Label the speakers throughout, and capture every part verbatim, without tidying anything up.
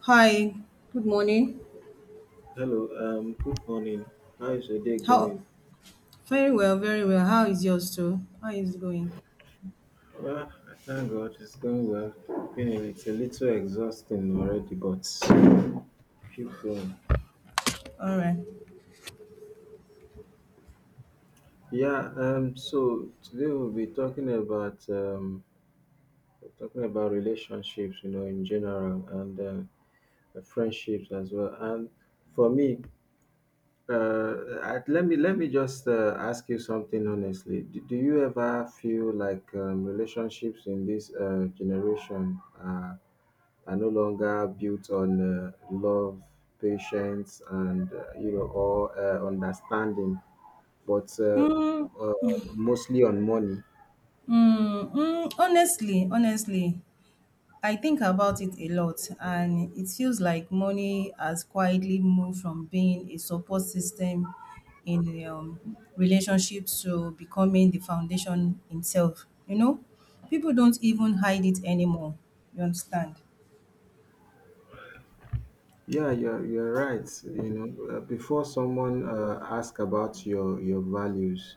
Speaker 1: Hi, good morning.
Speaker 2: Hello, um, good morning. How is your day
Speaker 1: How?
Speaker 2: going?
Speaker 1: Very well, very well. How is yours too? How is it going?
Speaker 2: Well, I thank God it's going well. Been a- It's a little exhausting already, but keep going.
Speaker 1: All right.
Speaker 2: Yeah, um, so today we'll be talking about um, talking about relationships, you know, in general, and uh, friendships as well. And for me, uh, I, let me let me just uh, ask you something honestly. Do, do you ever feel like um, relationships in this uh, generation are are no longer built on uh, love, patience, and uh, you know, or uh, understanding, but uh, uh, mostly on money.
Speaker 1: Mm, mm, honestly, honestly, I think about it a lot, and it feels like money has quietly moved from being a support system in the um, relationship to becoming the foundation itself. You know, people don't even hide it anymore. You understand?
Speaker 2: Yeah, you're you're right. You know, uh, before someone uh, ask about your your values,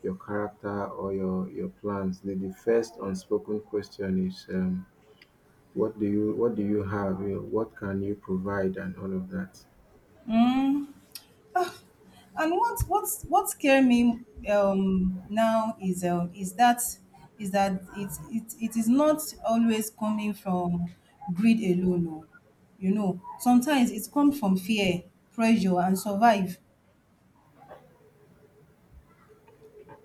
Speaker 2: your character, or your your plans, the, the first unspoken question is, um, what do you what do you have? You know, what can you provide, and all of that.
Speaker 1: And what what what scares me um now is um is that is that it it it is not always coming from greed alone. Oh. You know, sometimes it comes from fear, pressure, and survive.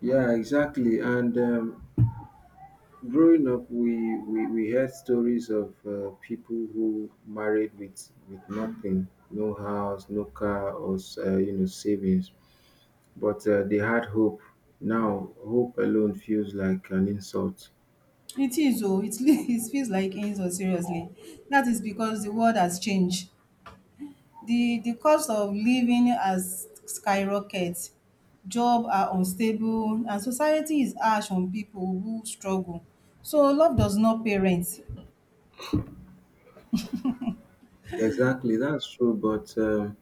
Speaker 2: Yeah, exactly. And um, growing up, we, we, we heard stories of uh, people who married with, with nothing, no house, no car, or uh, you know savings, but uh, they had hope. Now, hope alone feels like an insult.
Speaker 1: It is, oh, it, it feels like insult, seriously. That is because the world has changed. The the cost of living has skyrocketed, job are unstable and society is harsh on people who struggle. So love does not pay rent.
Speaker 2: Exactly, that's true. But um,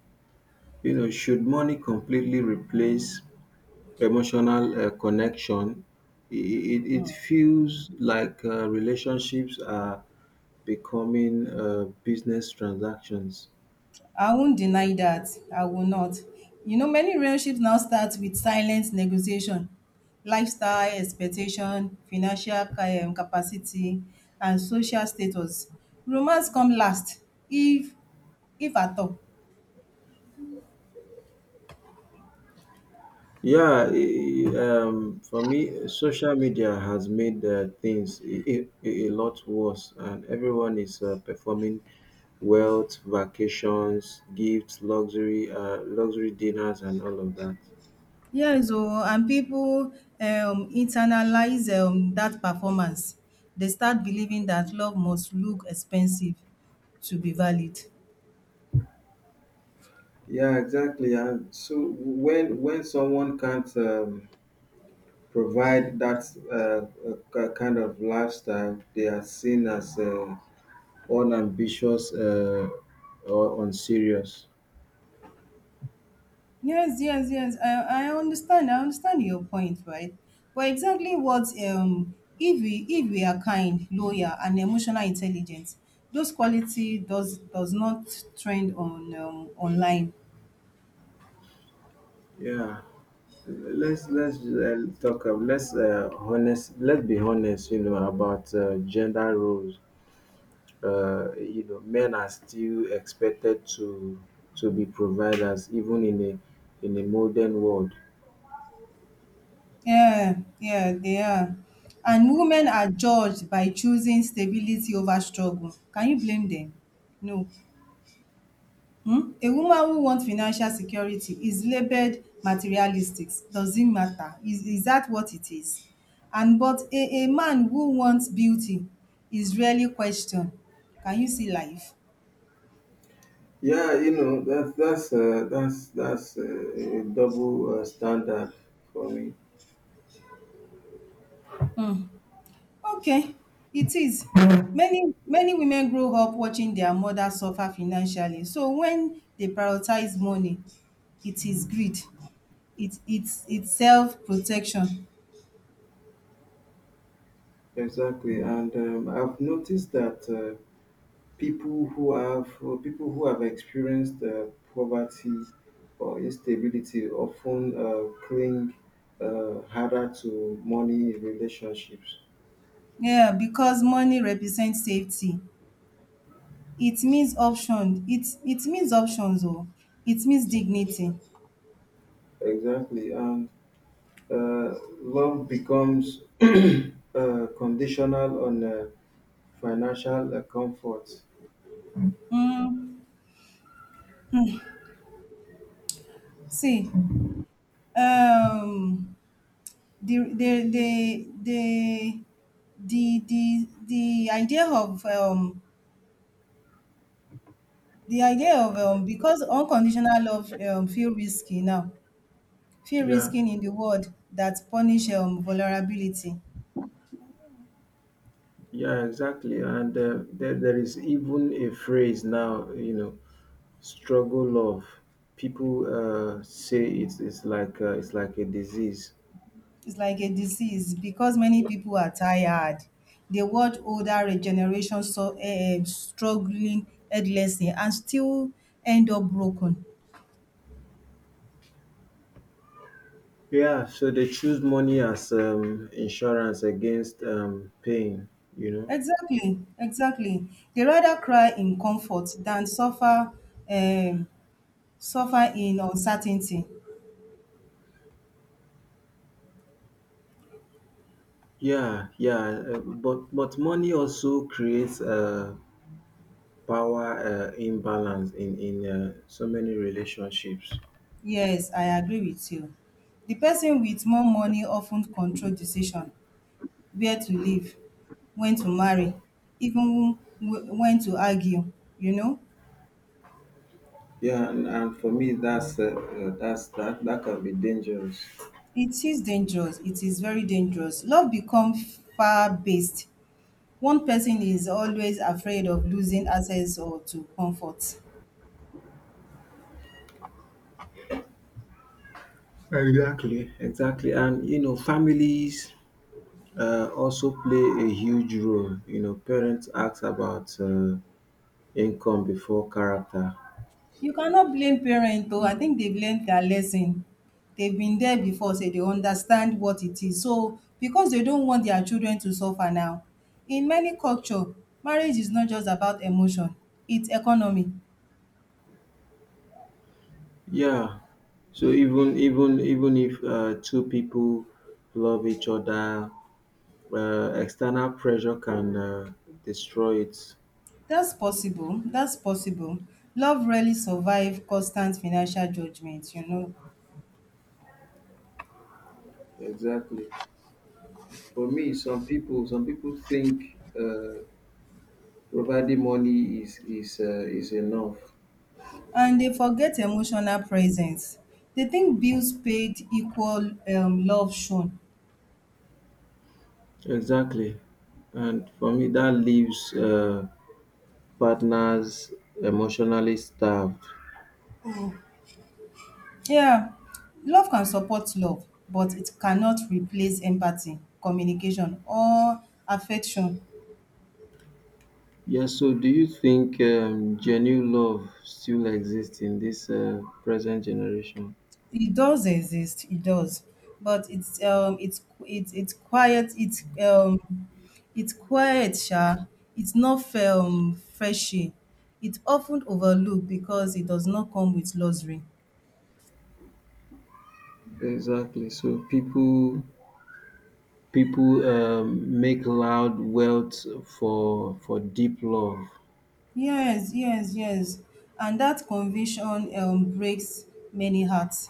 Speaker 2: you know, should money completely replace emotional uh, connection? It, it, it feels like uh, relationships are becoming uh, business transactions.
Speaker 1: I won't deny that. I will not. You know, many relationships now start with silent negotiation, lifestyle expectation, financial ca- um, capacity, and social status. Romance come last, if if at all.
Speaker 2: Yeah, i- i- um, for me, social media has made uh, things a, a, a lot worse, and everyone is uh, performing wealth, vacations, gifts, luxury, uh, luxury dinners, and all of that.
Speaker 1: Yes, oh, and people um internalize um that performance. They start believing that love must look expensive to be valid.
Speaker 2: Yeah, exactly. And so when when someone can't um, provide that uh, uh, ki- kind of lifestyle, they are seen as uh, unambitious uh, or unserious.
Speaker 1: Yes, yes, yes. I, I understand. I understand your point, right? But exactly what um if we if we are kind, loyal, and emotional intelligence, those quality does does not trend on um, online.
Speaker 2: Yeah. Let's let's uh, talk. Uh, let's uh, honest. Let's be honest. You know about uh, gender roles. Uh, you know, men are still expected to to be providers, even in a in a modern world.
Speaker 1: Yeah, yeah, they are. And women are judged by choosing stability over struggle. Can you blame them? No. Hmm? A woman who wants financial security is labeled materialistic. Doesn't matter. Is, is that what it is? And but a, a man who wants beauty is rarely questioned. Can you see life?
Speaker 2: Yeah, you know that's that's uh, that's that's uh, a double uh, standard for me.
Speaker 1: Okay, it is. Many many women grow up watching their mother suffer financially. So when they prioritize money, it is greed. It it's it's self-protection.
Speaker 2: Exactly, and um, I've noticed that. Uh, people who have uh, people who have experienced uh, poverty or instability often uh, cling uh, harder to money in relationships.
Speaker 1: Yeah, because money represents safety. It means option. It it means options, oh. It means dignity.
Speaker 2: Exactly, and uh, love becomes uh, conditional on uh, financial uh, comfort.
Speaker 1: Mm, see, um, the the the the the the the idea of um the idea of um, because unconditional love um, feel risky now feel
Speaker 2: Yeah,
Speaker 1: risky in the world that punish um, vulnerability.
Speaker 2: yeah, exactly. And uh, there, there is even a phrase now, you know, struggle of people uh, say it's it's like uh, it's like a disease.
Speaker 1: It's like a disease because many people are tired, the world older generation so uh, struggling endlessly and still end up broken.
Speaker 2: Yeah, so they choose money as um, insurance against um, pain. You know.
Speaker 1: Exactly, exactly, they rather cry in comfort than suffer um, suffer in uncertainty.
Speaker 2: Yeah, yeah, uh, but but money also creates a power uh, imbalance in in uh, so many relationships.
Speaker 1: Yes, I agree with you. The person with more money often control decision, where to live, when to marry, even wh- when to argue, you know?
Speaker 2: Yeah, and, and for me, that's uh, uh, that's that that can be dangerous.
Speaker 1: It is dangerous. It is very dangerous. Love becomes far based. One person is always afraid of losing access or to comfort.
Speaker 2: Exactly, exactly, and you know, families uh, also play a huge role. You know, parents ask about uh, income before character.
Speaker 1: You cannot blame parent, oh. I think they've learned their lesson. They've been there before sey they understand what it is. So, because they don't want their children to suffer now. In many culture, marriage is not just about emotion, it's economy.
Speaker 2: Yeah. So even even even if uh, two people love each other, uh, external pressure can uh, destroy it.
Speaker 1: That's possible, that's possible. Love rarely survive constant financial judgment, you know.
Speaker 2: Exactly. For me, some people some people think uh, providing money is is uh, is enough.
Speaker 1: And they forget emotional presence. They think bills paid equal um love shown.
Speaker 2: Exactly. And for me, that leaves uh, partners emotionally starved.
Speaker 1: Yeah, love can support love, but it cannot replace empathy, communication, or affection.
Speaker 2: Yeah, so do you think um, genuine love still exists in this uh, present generation?
Speaker 1: It does exist, it does, but it's um, it's it's it's quiet. It's um, it's quiet, sha. It's not um freshy. It's often overlooked because it does not come with luxury.
Speaker 2: Exactly. So people people um, make loud wealth for for deep love.
Speaker 1: Yes, yes, yes. And that conviction um breaks many hearts.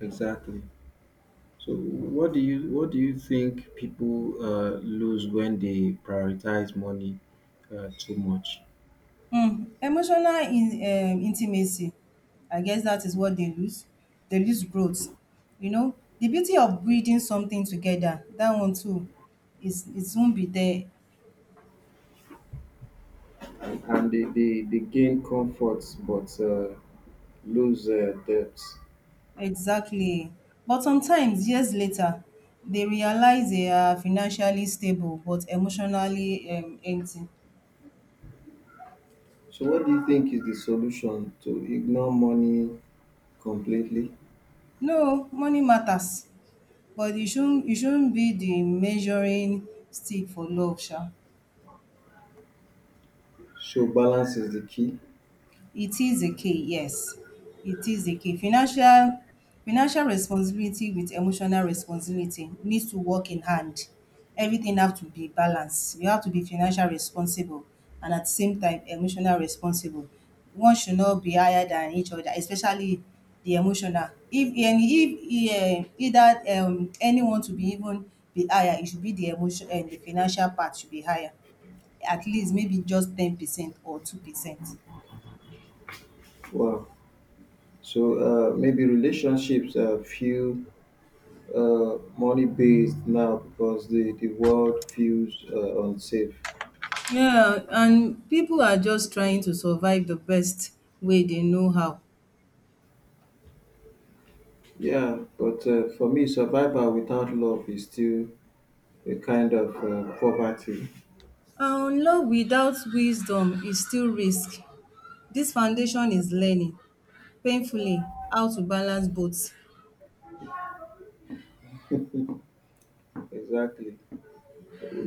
Speaker 2: Exactly. So what do you what do you think people uh, lose when they prioritize money uh, too much?
Speaker 1: Mm, emotional in um intimacy, I guess that is what they lose. They lose growth. You know, the beauty of breeding something together, that one too, is it won't be there.
Speaker 2: And they, they, they gain comforts but uh, lose uh, depth.
Speaker 1: Exactly. But sometimes years later, they realize they are financially stable but emotionally um empty.
Speaker 2: So, what do you think is the solution to ignore money completely?
Speaker 1: No, money matters, but it shouldn't it shouldn't be the measuring stick for love, sha.
Speaker 2: So, balance is the key.
Speaker 1: It is a key, yes. It is a key. Financial financial responsibility with emotional responsibility needs to work in hand. Everything have to be balanced. You have to be financial responsible and at the same time emotional responsible. One should not be higher than each other, especially the emotional. If and if um either um anyone to be even be higher, it should be the emotion and the financial part should be higher. At least maybe just ten percent or two percent.
Speaker 2: Wow. So, uh, maybe relationships uh, feel uh, money based now because the, the world feels uh, unsafe.
Speaker 1: Yeah, and people are just trying to survive the best way they know how.
Speaker 2: Yeah, but uh, for me, survival without love is still a kind of uh, poverty.
Speaker 1: And love without wisdom is still risk. This foundation is learning painfully how to balance both.
Speaker 2: Exactly.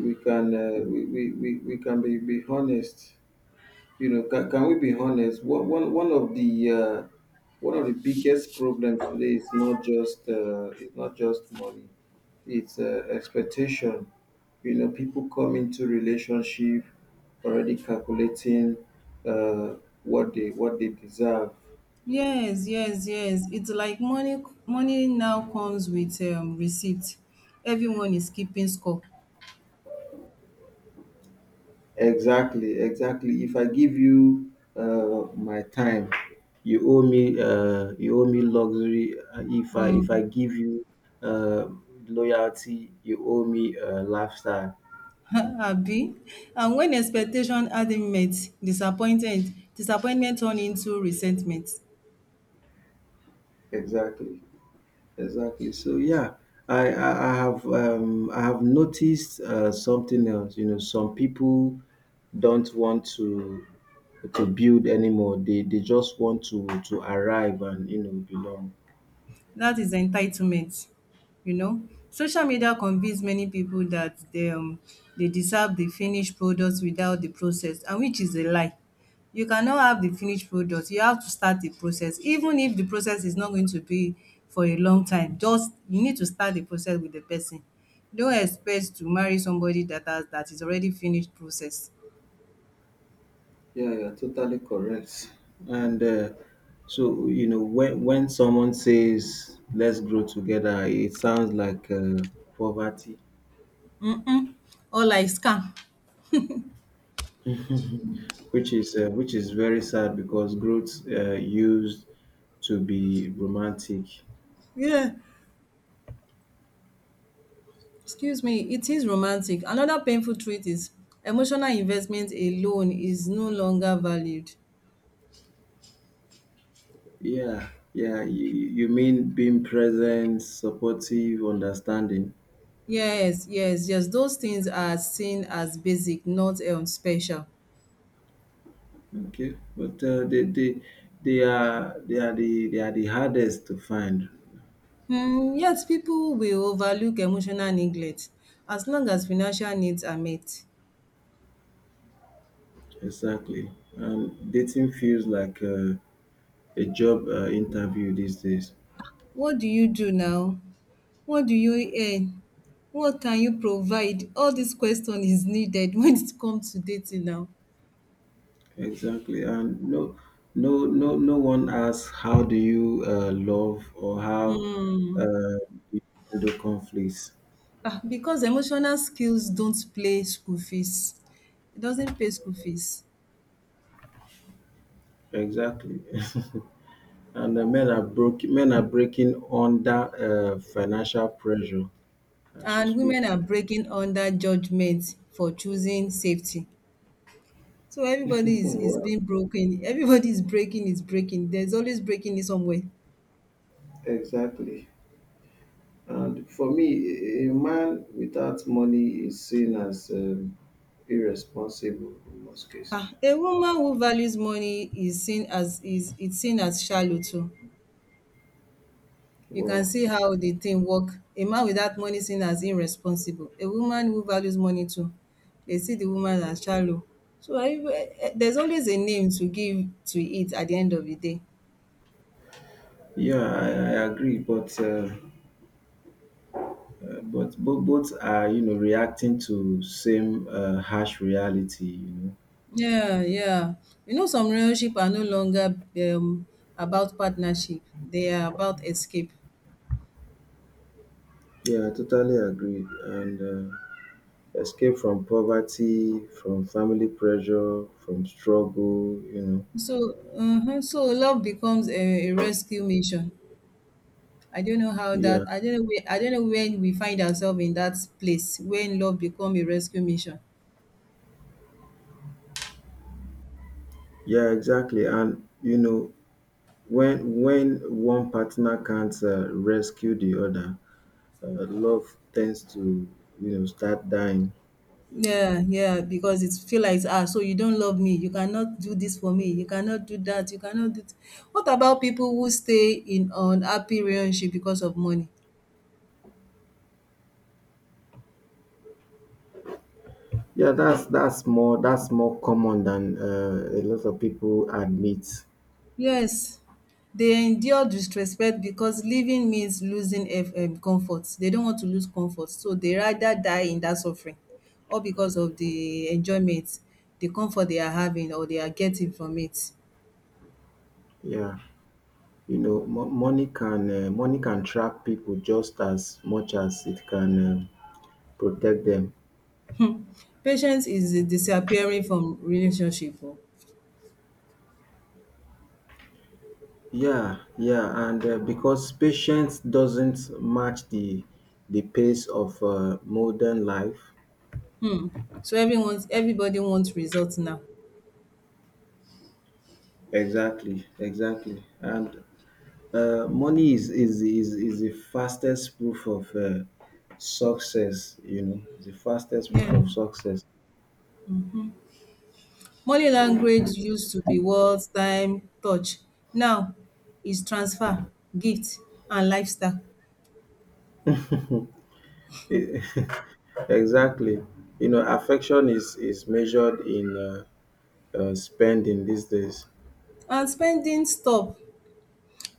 Speaker 2: We can uh, we, we, we, we can be, be honest. You know, can, can we be honest? One, one, one of the uh, one of the biggest problems today is not just uh, it's not just money. It's uh, expectation. You know, people come into relationship already calculating uh, what they what they deserve.
Speaker 1: Yes, yes, yes. It's like money money now comes with um receipt. Everyone is keeping score.
Speaker 2: Exactly, exactly. If I give you uh, my time, you owe me. Uh, you owe me luxury. Uh, If I if I give you uh, loyalty, you owe me uh, lifestyle.
Speaker 1: Abi. And when expectation aren't met, disappointment disappointment turn into resentment.
Speaker 2: Exactly, exactly. So yeah, I I, I have um, I have noticed uh, something else. You know, some people don't want to to build anymore. They they just want to to arrive and you know belong.
Speaker 1: That is entitlement, you know. Social media convince many people that they um they deserve the finished product without the process, and which is a lie. You cannot have the finished product. You have to start the process. Even if the process is not going to be for a long time, just you need to start the process with the person. Don't expect to marry somebody that has that is already finished process.
Speaker 2: Yeah, you're totally correct. And uh, so, you know, when when someone says "let's grow together," it sounds like uh, poverty,
Speaker 1: Mm. Or like scam.
Speaker 2: which is uh, which is very sad because growth uh, used to be romantic.
Speaker 1: Yeah. Excuse me, it is romantic. Another painful truth is emotional investment alone is no longer valued.
Speaker 2: Yeah, yeah. You, you mean being present, supportive, understanding.
Speaker 1: Yes, yes, yes. Those things are seen as basic, not um, special.
Speaker 2: Okay, but uh, they they they are they are the they are the hardest to find.
Speaker 1: Hmm, yet people will overlook emotional neglect as long as financial needs are met.
Speaker 2: Exactly. And dating feels like uh, a job uh, interview these days.
Speaker 1: What do you do now? What do you earn? What can you provide? All this question is needed when it comes to dating now.
Speaker 2: Exactly. And no, no, no, no one asks how do you uh, love or how uh, you handle conflicts.
Speaker 1: Ah, because emotional skills don't play school fees. It doesn't pay school fees.
Speaker 2: Exactly. and uh, men are broke. Men are breaking under uh, financial pressure as we
Speaker 1: And women are
Speaker 2: speak.
Speaker 1: breaking under judgment for choosing safety. So everybody is, is
Speaker 2: Well,
Speaker 1: being broken. Everybody is breaking, is breaking. There's always breaking in somewhere.
Speaker 2: exactly. And for me, a a man without money is seen as um, irresponsible in most cases.
Speaker 1: Ah, a woman who values money is seen as is it's seen as shallow too. You can
Speaker 2: Well,
Speaker 1: see how the thing work. A man without money seen as irresponsible. A woman who values money too, they see the woman as shallow. So I, eh, eh, there's always a name to give to it at the end of the day.
Speaker 2: yeah, I, I agree, but uh, uh, but both both are you know reacting to same uh, harsh reality. You know.
Speaker 1: Yeah, yeah. You know, some relationship are no longer um, about partnership. They are about escape.
Speaker 2: Yeah, I totally agree. And uh, escape from poverty, from family pressure, from struggle. You know.
Speaker 1: So, uh, so love becomes a, a rescue mission. I don't know how
Speaker 2: Yeah,
Speaker 1: that. I don't know. Where, I don't know when we find ourselves in that place when love become a rescue mission.
Speaker 2: yeah, exactly. And you know when when one partner can't uh, rescue the other, uh, love tends to you know start dying.
Speaker 1: Yeah, yeah, because it feel like, "Ah, so you don't love me, you cannot do this for me, you cannot do that, you cannot do." Th- What about people who stay in unhappy relationship because of money?
Speaker 2: Yeah, that's that's more that's more common than uh, a lot of people admit.
Speaker 1: Yes, they endure disrespect because leaving means losing eff um comfort. They don't want to lose comfort, so they rather die in that suffering, all because of the enjoyment, the comfort they are having or they are getting from it.
Speaker 2: Yeah, you know, mo- money can uh, money can trap people just as much as it can uh, protect them.
Speaker 1: Patience is disappearing from relationship, oh.
Speaker 2: Yeah, yeah, and uh, because patience doesn't match the the pace of uh, modern life.
Speaker 1: Mm. So everyone's everybody wants results now.
Speaker 2: Exactly, exactly, and uh, money is is is is the fastest proof of uh, success. You know, the fastest proof
Speaker 1: Yeah.
Speaker 2: of success.
Speaker 1: Money language used to be words, time, touch. Now is transfer, gift, and lifestyle.
Speaker 2: E- Exactly. You know, affection is is measured in uh, uh, spending these days.
Speaker 1: And spending stop.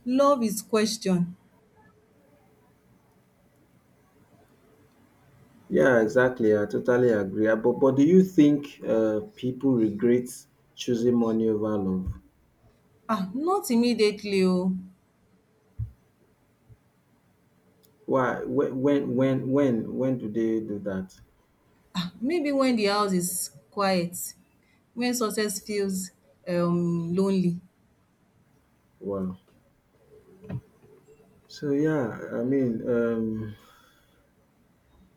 Speaker 1: Love is question.
Speaker 2: Yeah, exactly. I totally agree. Uh, But but do you think uh, people regret choosing money over love?
Speaker 1: Ah, not immediately, oh.
Speaker 2: Why? Whe- When when when when do they do that?
Speaker 1: Ah, maybe when the house is quiet, when success feels um lonely.
Speaker 2: Wow. So yeah, I mean, um,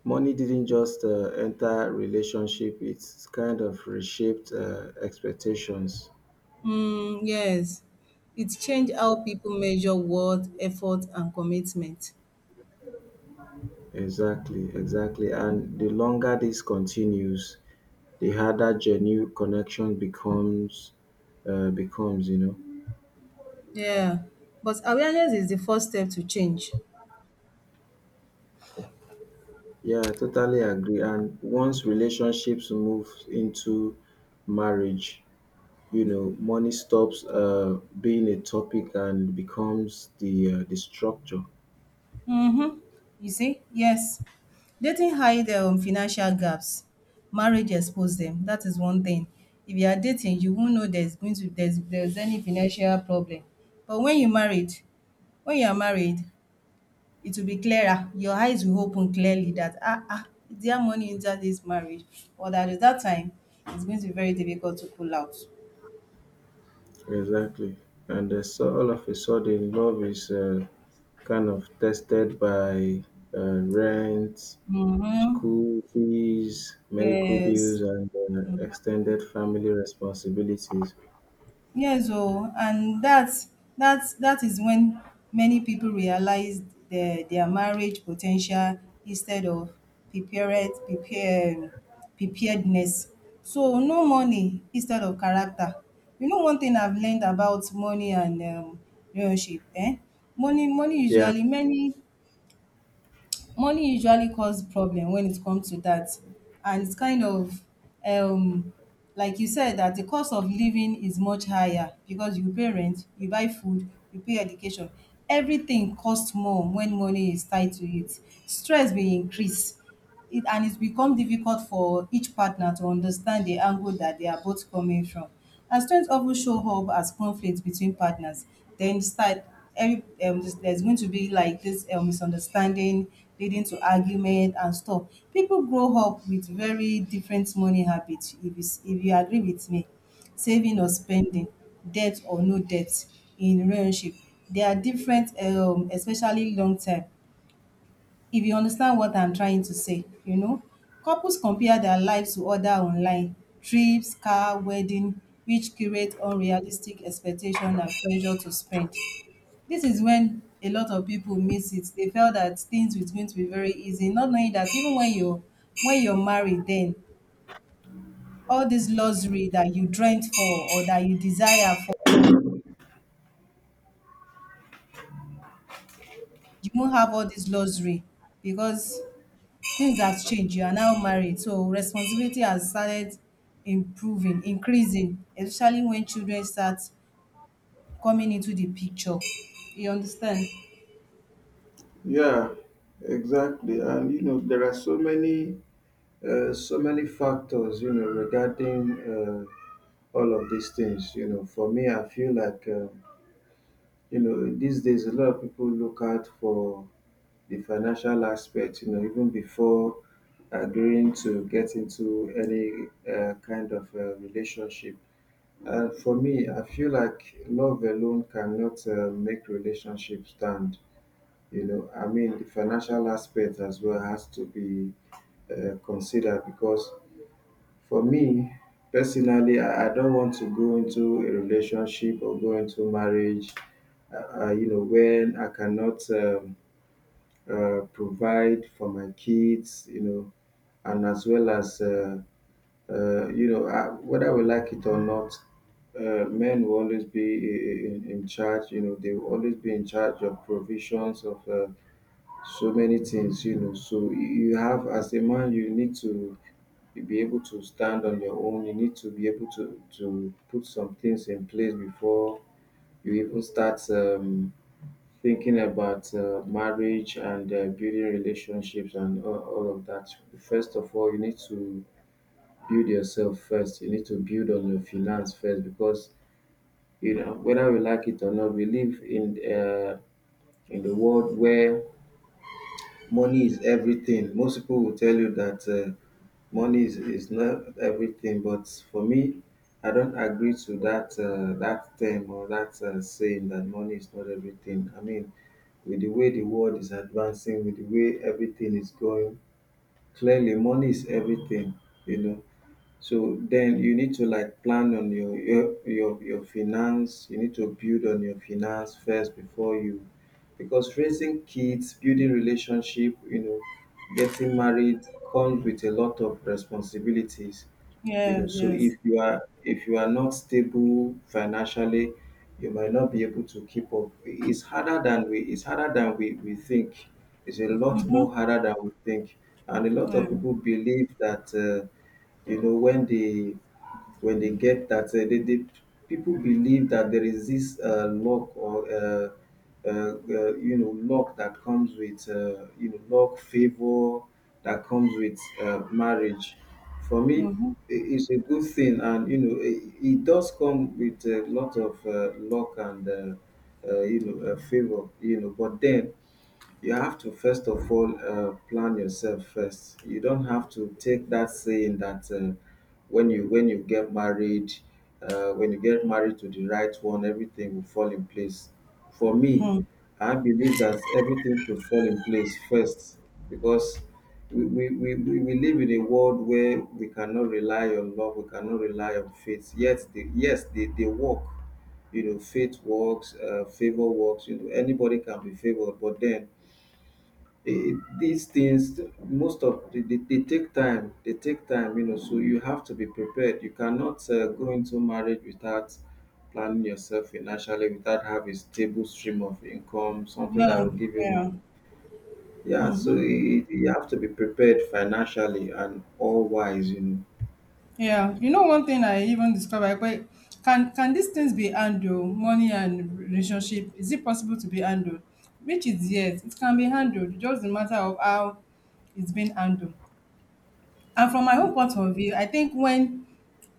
Speaker 2: money didn't just uh, enter relationship. It's kind of reshaped uh, expectations.
Speaker 1: Mm, yes. It changed how people measure worth, effort, and commitment.
Speaker 2: Exactly, exactly. And the longer this continues, the harder genuine connection becomes uh, becomes, you know.
Speaker 1: Yeah, but awareness is the first step to change.
Speaker 2: Yeah, I totally agree. And once relationships move into marriage, you know, money stops uh, being a topic and becomes the uh, the structure.
Speaker 1: Mm-hmm. You see? Yes. Dating hide um, financial gaps. Marriage expose them. That is one thing. If you are dating, you won't know there's going to there's there's any financial problem. But when you married, when you are married, it will be clearer. Your eyes will open clearly that ah, ah, is there money in that this marriage? Or that at that time, it's going to be very difficult to pull out.
Speaker 2: Exactly. And uh, so all of a sudden, love is uh, kind of tested by uh, rent,
Speaker 1: Mm-hmm.
Speaker 2: school fees, medical bills,
Speaker 1: Yes.
Speaker 2: and uh,
Speaker 1: Mm-hmm.
Speaker 2: extended family responsibilities.
Speaker 1: Yes, oh, and that's that's that is when many people realize their their marriage potential instead of prepared prepared preparedness. So no money instead of character. You know one thing I've learned about money and um, relationship, eh? Money money
Speaker 2: Yeah,
Speaker 1: usually many money usually cause problem when it comes to that, and it's kind of um like you said, that the cost of living is much higher because you pay rent, you buy food, you pay education, everything costs more. When money is tied to it, stress will increase, it and it's become difficult for each partner to understand the angle that they are both coming from. And strengths often show up as conflict between partners. Then start every um, there's there's going to be like this um, misunderstanding leading to argument and stuff. People grow up with very different money habits. If you, s- if you agree with me, saving or spending, debt or no debt in relationship, they are different, um, especially long term. If you understand what I'm trying to say, you know, couples compare their lives to other online trips, car, wedding, which create unrealistic expectation and pressure to spend. This is when a lot of people miss it. They felt that things was going to be very easy, not knowing that even when you're when you're married, then all this luxury that you dreamt for or that you desire for, you won't have all this luxury because things have changed. You are now married, so responsibility has started improving, increasing, especially when children start coming into the picture. You understand?
Speaker 2: yeah, exactly. And you know, there are so many, uh, so many factors, you know, regarding uh, all of these things. You know, for me, I feel like, uh, you know, these days a lot of people look out for the financial aspect. You know, even before agreeing to get into any uh, kind of uh, relationship. And for me, I feel like love alone cannot uh, make relationship stand. You know, I mean, the financial aspect as well has to be uh, considered, because for me personally, I, I don't want to go into a relationship or go into marriage uh, uh, you know, when I cannot um, uh, provide for my kids, you know, and as well as uh, Uh, you know, I, whether we like it or not, uh, men will always be i- i- in, in charge. You know, they will always be in charge of provisions of uh, so many things. You know, so y- you have, as a man, you need to be able to stand on your own. You need to be able to to put some things in place before you even start um, thinking about uh, marriage and uh, building relationships and all, all of that. First of all, you need to build yourself first. You need to build on your finance first, because you know whether we like it or not, we live in uh, in the world where money is everything. Most people will tell you that uh, money is, is not everything, but for me, I don't agree to that uh, that term or that uh, saying that money is not everything. I mean, with the way the world is advancing, with the way everything is going, clearly money is everything. You know. So then you need to like plan on your your your, your finance. You need to build on your finance first before you, because raising kids, building relationship, you know, getting married comes with a lot of responsibilities. You know
Speaker 1: Yes,
Speaker 2: so if
Speaker 1: yes.
Speaker 2: you are if you are not stable financially, you might not be able to keep up. It's harder than we it's harder than we, we think. It's a lot more harder than we think. And a lot of
Speaker 1: Um,
Speaker 2: people believe that uh, you know when they when they get that uh, they, they people believe that there is this uh, luck or uh, uh, uh, you know luck that comes with uh, you know luck favor that comes with uh, marriage. For me i-
Speaker 1: mhm.
Speaker 2: it's a good thing, and you know it, it does come with a lot of uh, luck and uh, uh, you know uh, favor, you know but then you have to first of all uh, plan yourself first. You don't have to take that saying that uh, when you when you get married uh, when you get married to the right one, everything will fall in place. For me, I believe that everything should fall in place first, because we, we, we, we we live in a world where we cannot rely on love, we cannot rely on faith. Yet, the, yes, they, they work. You know, faith works, uh, favor works, you know anybody can be favored. But then, Eh, these things, most of they, they, they take time they take time, you know so you have to be prepared. You cannot uh, go into marriage without planning yourself financially, without having a stable stream of income, something that
Speaker 1: Yeah,
Speaker 2: will give you
Speaker 1: yeah,
Speaker 2: money. Yeah, so it, you have to be prepared financially and all wise you
Speaker 1: yeah. You know, one thing I even discovered, but can can these things be handled? Money and relationship, is it possible to be handled? Which is yes, it can be handled. Just a matter of how it's been handled. And from my own point of view, I think when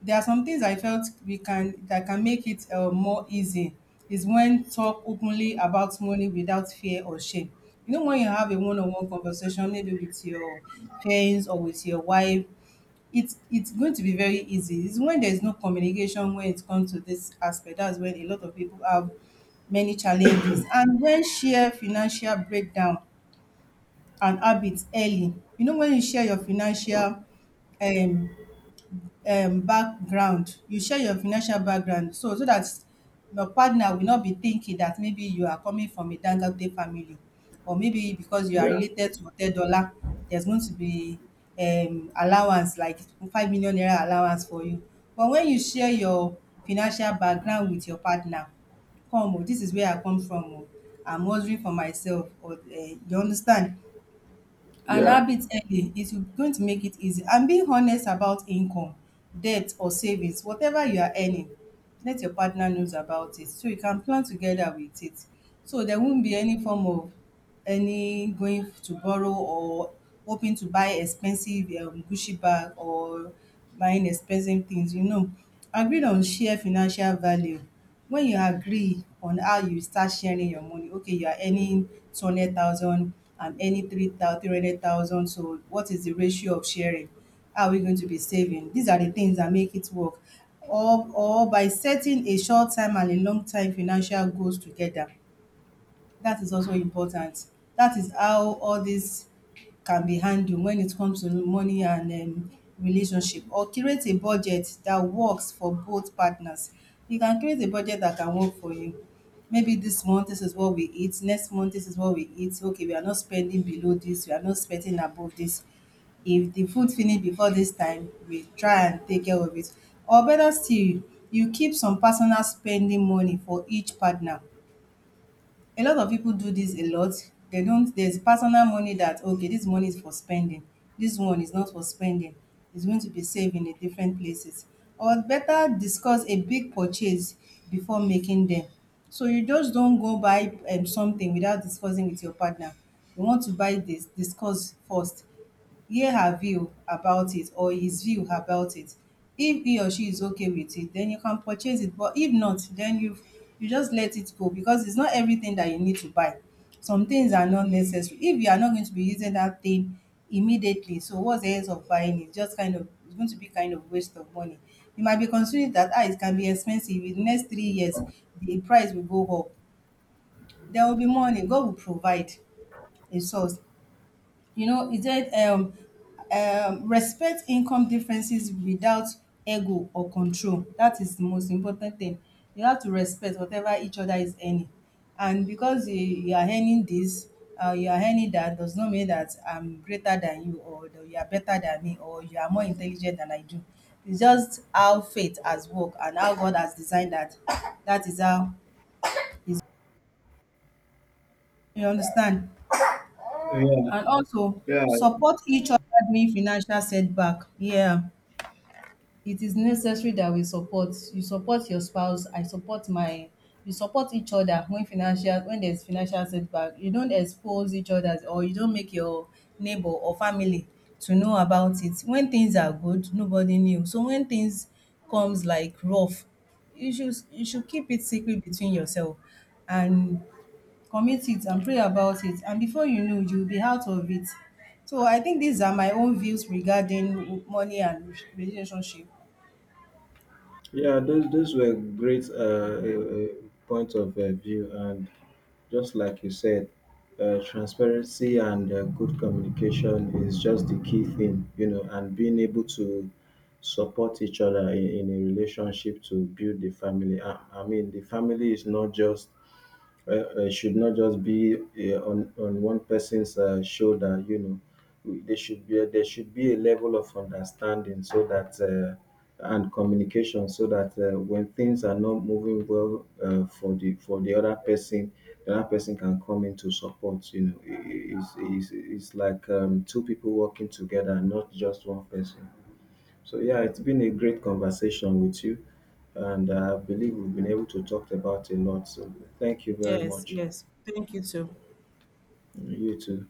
Speaker 1: there are some things I felt we can that can make it uh, more easy is when talk openly about money without fear or shame. You know, when you have a one-on-one conversation, maybe with your parents or with your wife, it's it's going to be very easy. It's when there is no communication when it comes to this aspect. That's when a lot of people have many challenges. And when share financial breakdown and habits early, you know, when you share your financial um um background. You share your financial background so so that your partner will not be thinking that maybe you are coming from a Dangote family or maybe because you are
Speaker 2: know
Speaker 1: related to Otedola, there's going to be um allowance like five million naira allowance for you. But when you share your financial background with your partner, come o, this is where I come from o. I'm hustling for myself or um you understand.
Speaker 2: yeah,
Speaker 1: And
Speaker 2: yeah,
Speaker 1: habit early is going to make it easy, and being honest about income, debt or savings, whatever you are earning, let your partner knows about it so you can plan together with it, so there won't be any form of any going to borrow or hoping to buy expensive um gucci bag or buying expensive things, you know. Agree on share financial value. When you agree on how you start sharing your money, okay, you are earning two hundred thousand, I'm earning three hundred thousand. So, what is the ratio of sharing? How are we going to be saving? These are the things that make it work. Or, or by setting a short time and a long time financial goals together, that is also important. That is how all this can be handled when it comes to money and um, relationship. Or create a budget that works for both partners. You can create a budget that can work for you. Maybe this month, this is what we eat. Next month, this is what we eat. Okay, we are not spending below this. We are not spending above this. If the food finish before this time, we try and take care of it. Or better still, you keep some personal spending money for each partner. A lot of people do this a lot. They don't, there's personal money that, okay, this money is for spending. This one is not for spending. It's going to be saved in a different places. Or better discuss a big purchase before making them. So you just don't go buy um, something without discussing with your partner. You want to buy this, discuss first, hear her view about it or his view about it. If he or she is okay with it, then you can purchase it. But if not, then you you just let it go because it's not everything that you need to buy. Some things are not necessary. If you are not going to be using that thing immediately, so what's the use of buying it? Just kind of it's going to be kind of waste of money. You might be considering that ah, it can be expensive. In the next three years, the price will go up. There will be money. God will provide a source. You know, it said, um, um, respect income differences without ego or control. That is the most important thing. You have to respect whatever each other is earning. And because you, you are earning this, uh, you are earning that, does not mean that I'm greater than you or that you are better than me or you are more intelligent than I do. It's just how faith has worked and how God has designed that. That is how it's, you understand?
Speaker 2: yeah,
Speaker 1: And also
Speaker 2: yeah,
Speaker 1: support each other during financial setback. Yeah, it is necessary that we support. You support your spouse, I support my. You support each other when financial when there's financial setback. You don't expose each other or you don't make your neighbor or family to know about it. When things are good, nobody knew. So when things comes like rough, you should you should keep it secret between yourself and commit it and pray about it, and before you know, you'll be out of it. So I think these are my own views regarding money and relationship.
Speaker 2: yeah, those those were great uh, uh, uh, points of uh, view. And just like you said, uh, transparency and uh, good communication is just the key thing, you know, and being able to support each other in, in a relationship to build the family. I, I mean, the family is not just uh, uh, should not just be uh, on on one person's uh, shoulder. You know, there should be a, there should be a level of understanding so that uh, and communication so that uh, when things are not moving well uh, for the for the other person, the other person can come in to support. You know, I- i- it's it's, it's like um, two people working together, not just one person. So yeah, it's been a great conversation with you, and I believe we've been able to talk about a lot. So, thank you very
Speaker 1: Yes,
Speaker 2: much.
Speaker 1: yes. Thank you too.
Speaker 2: You too.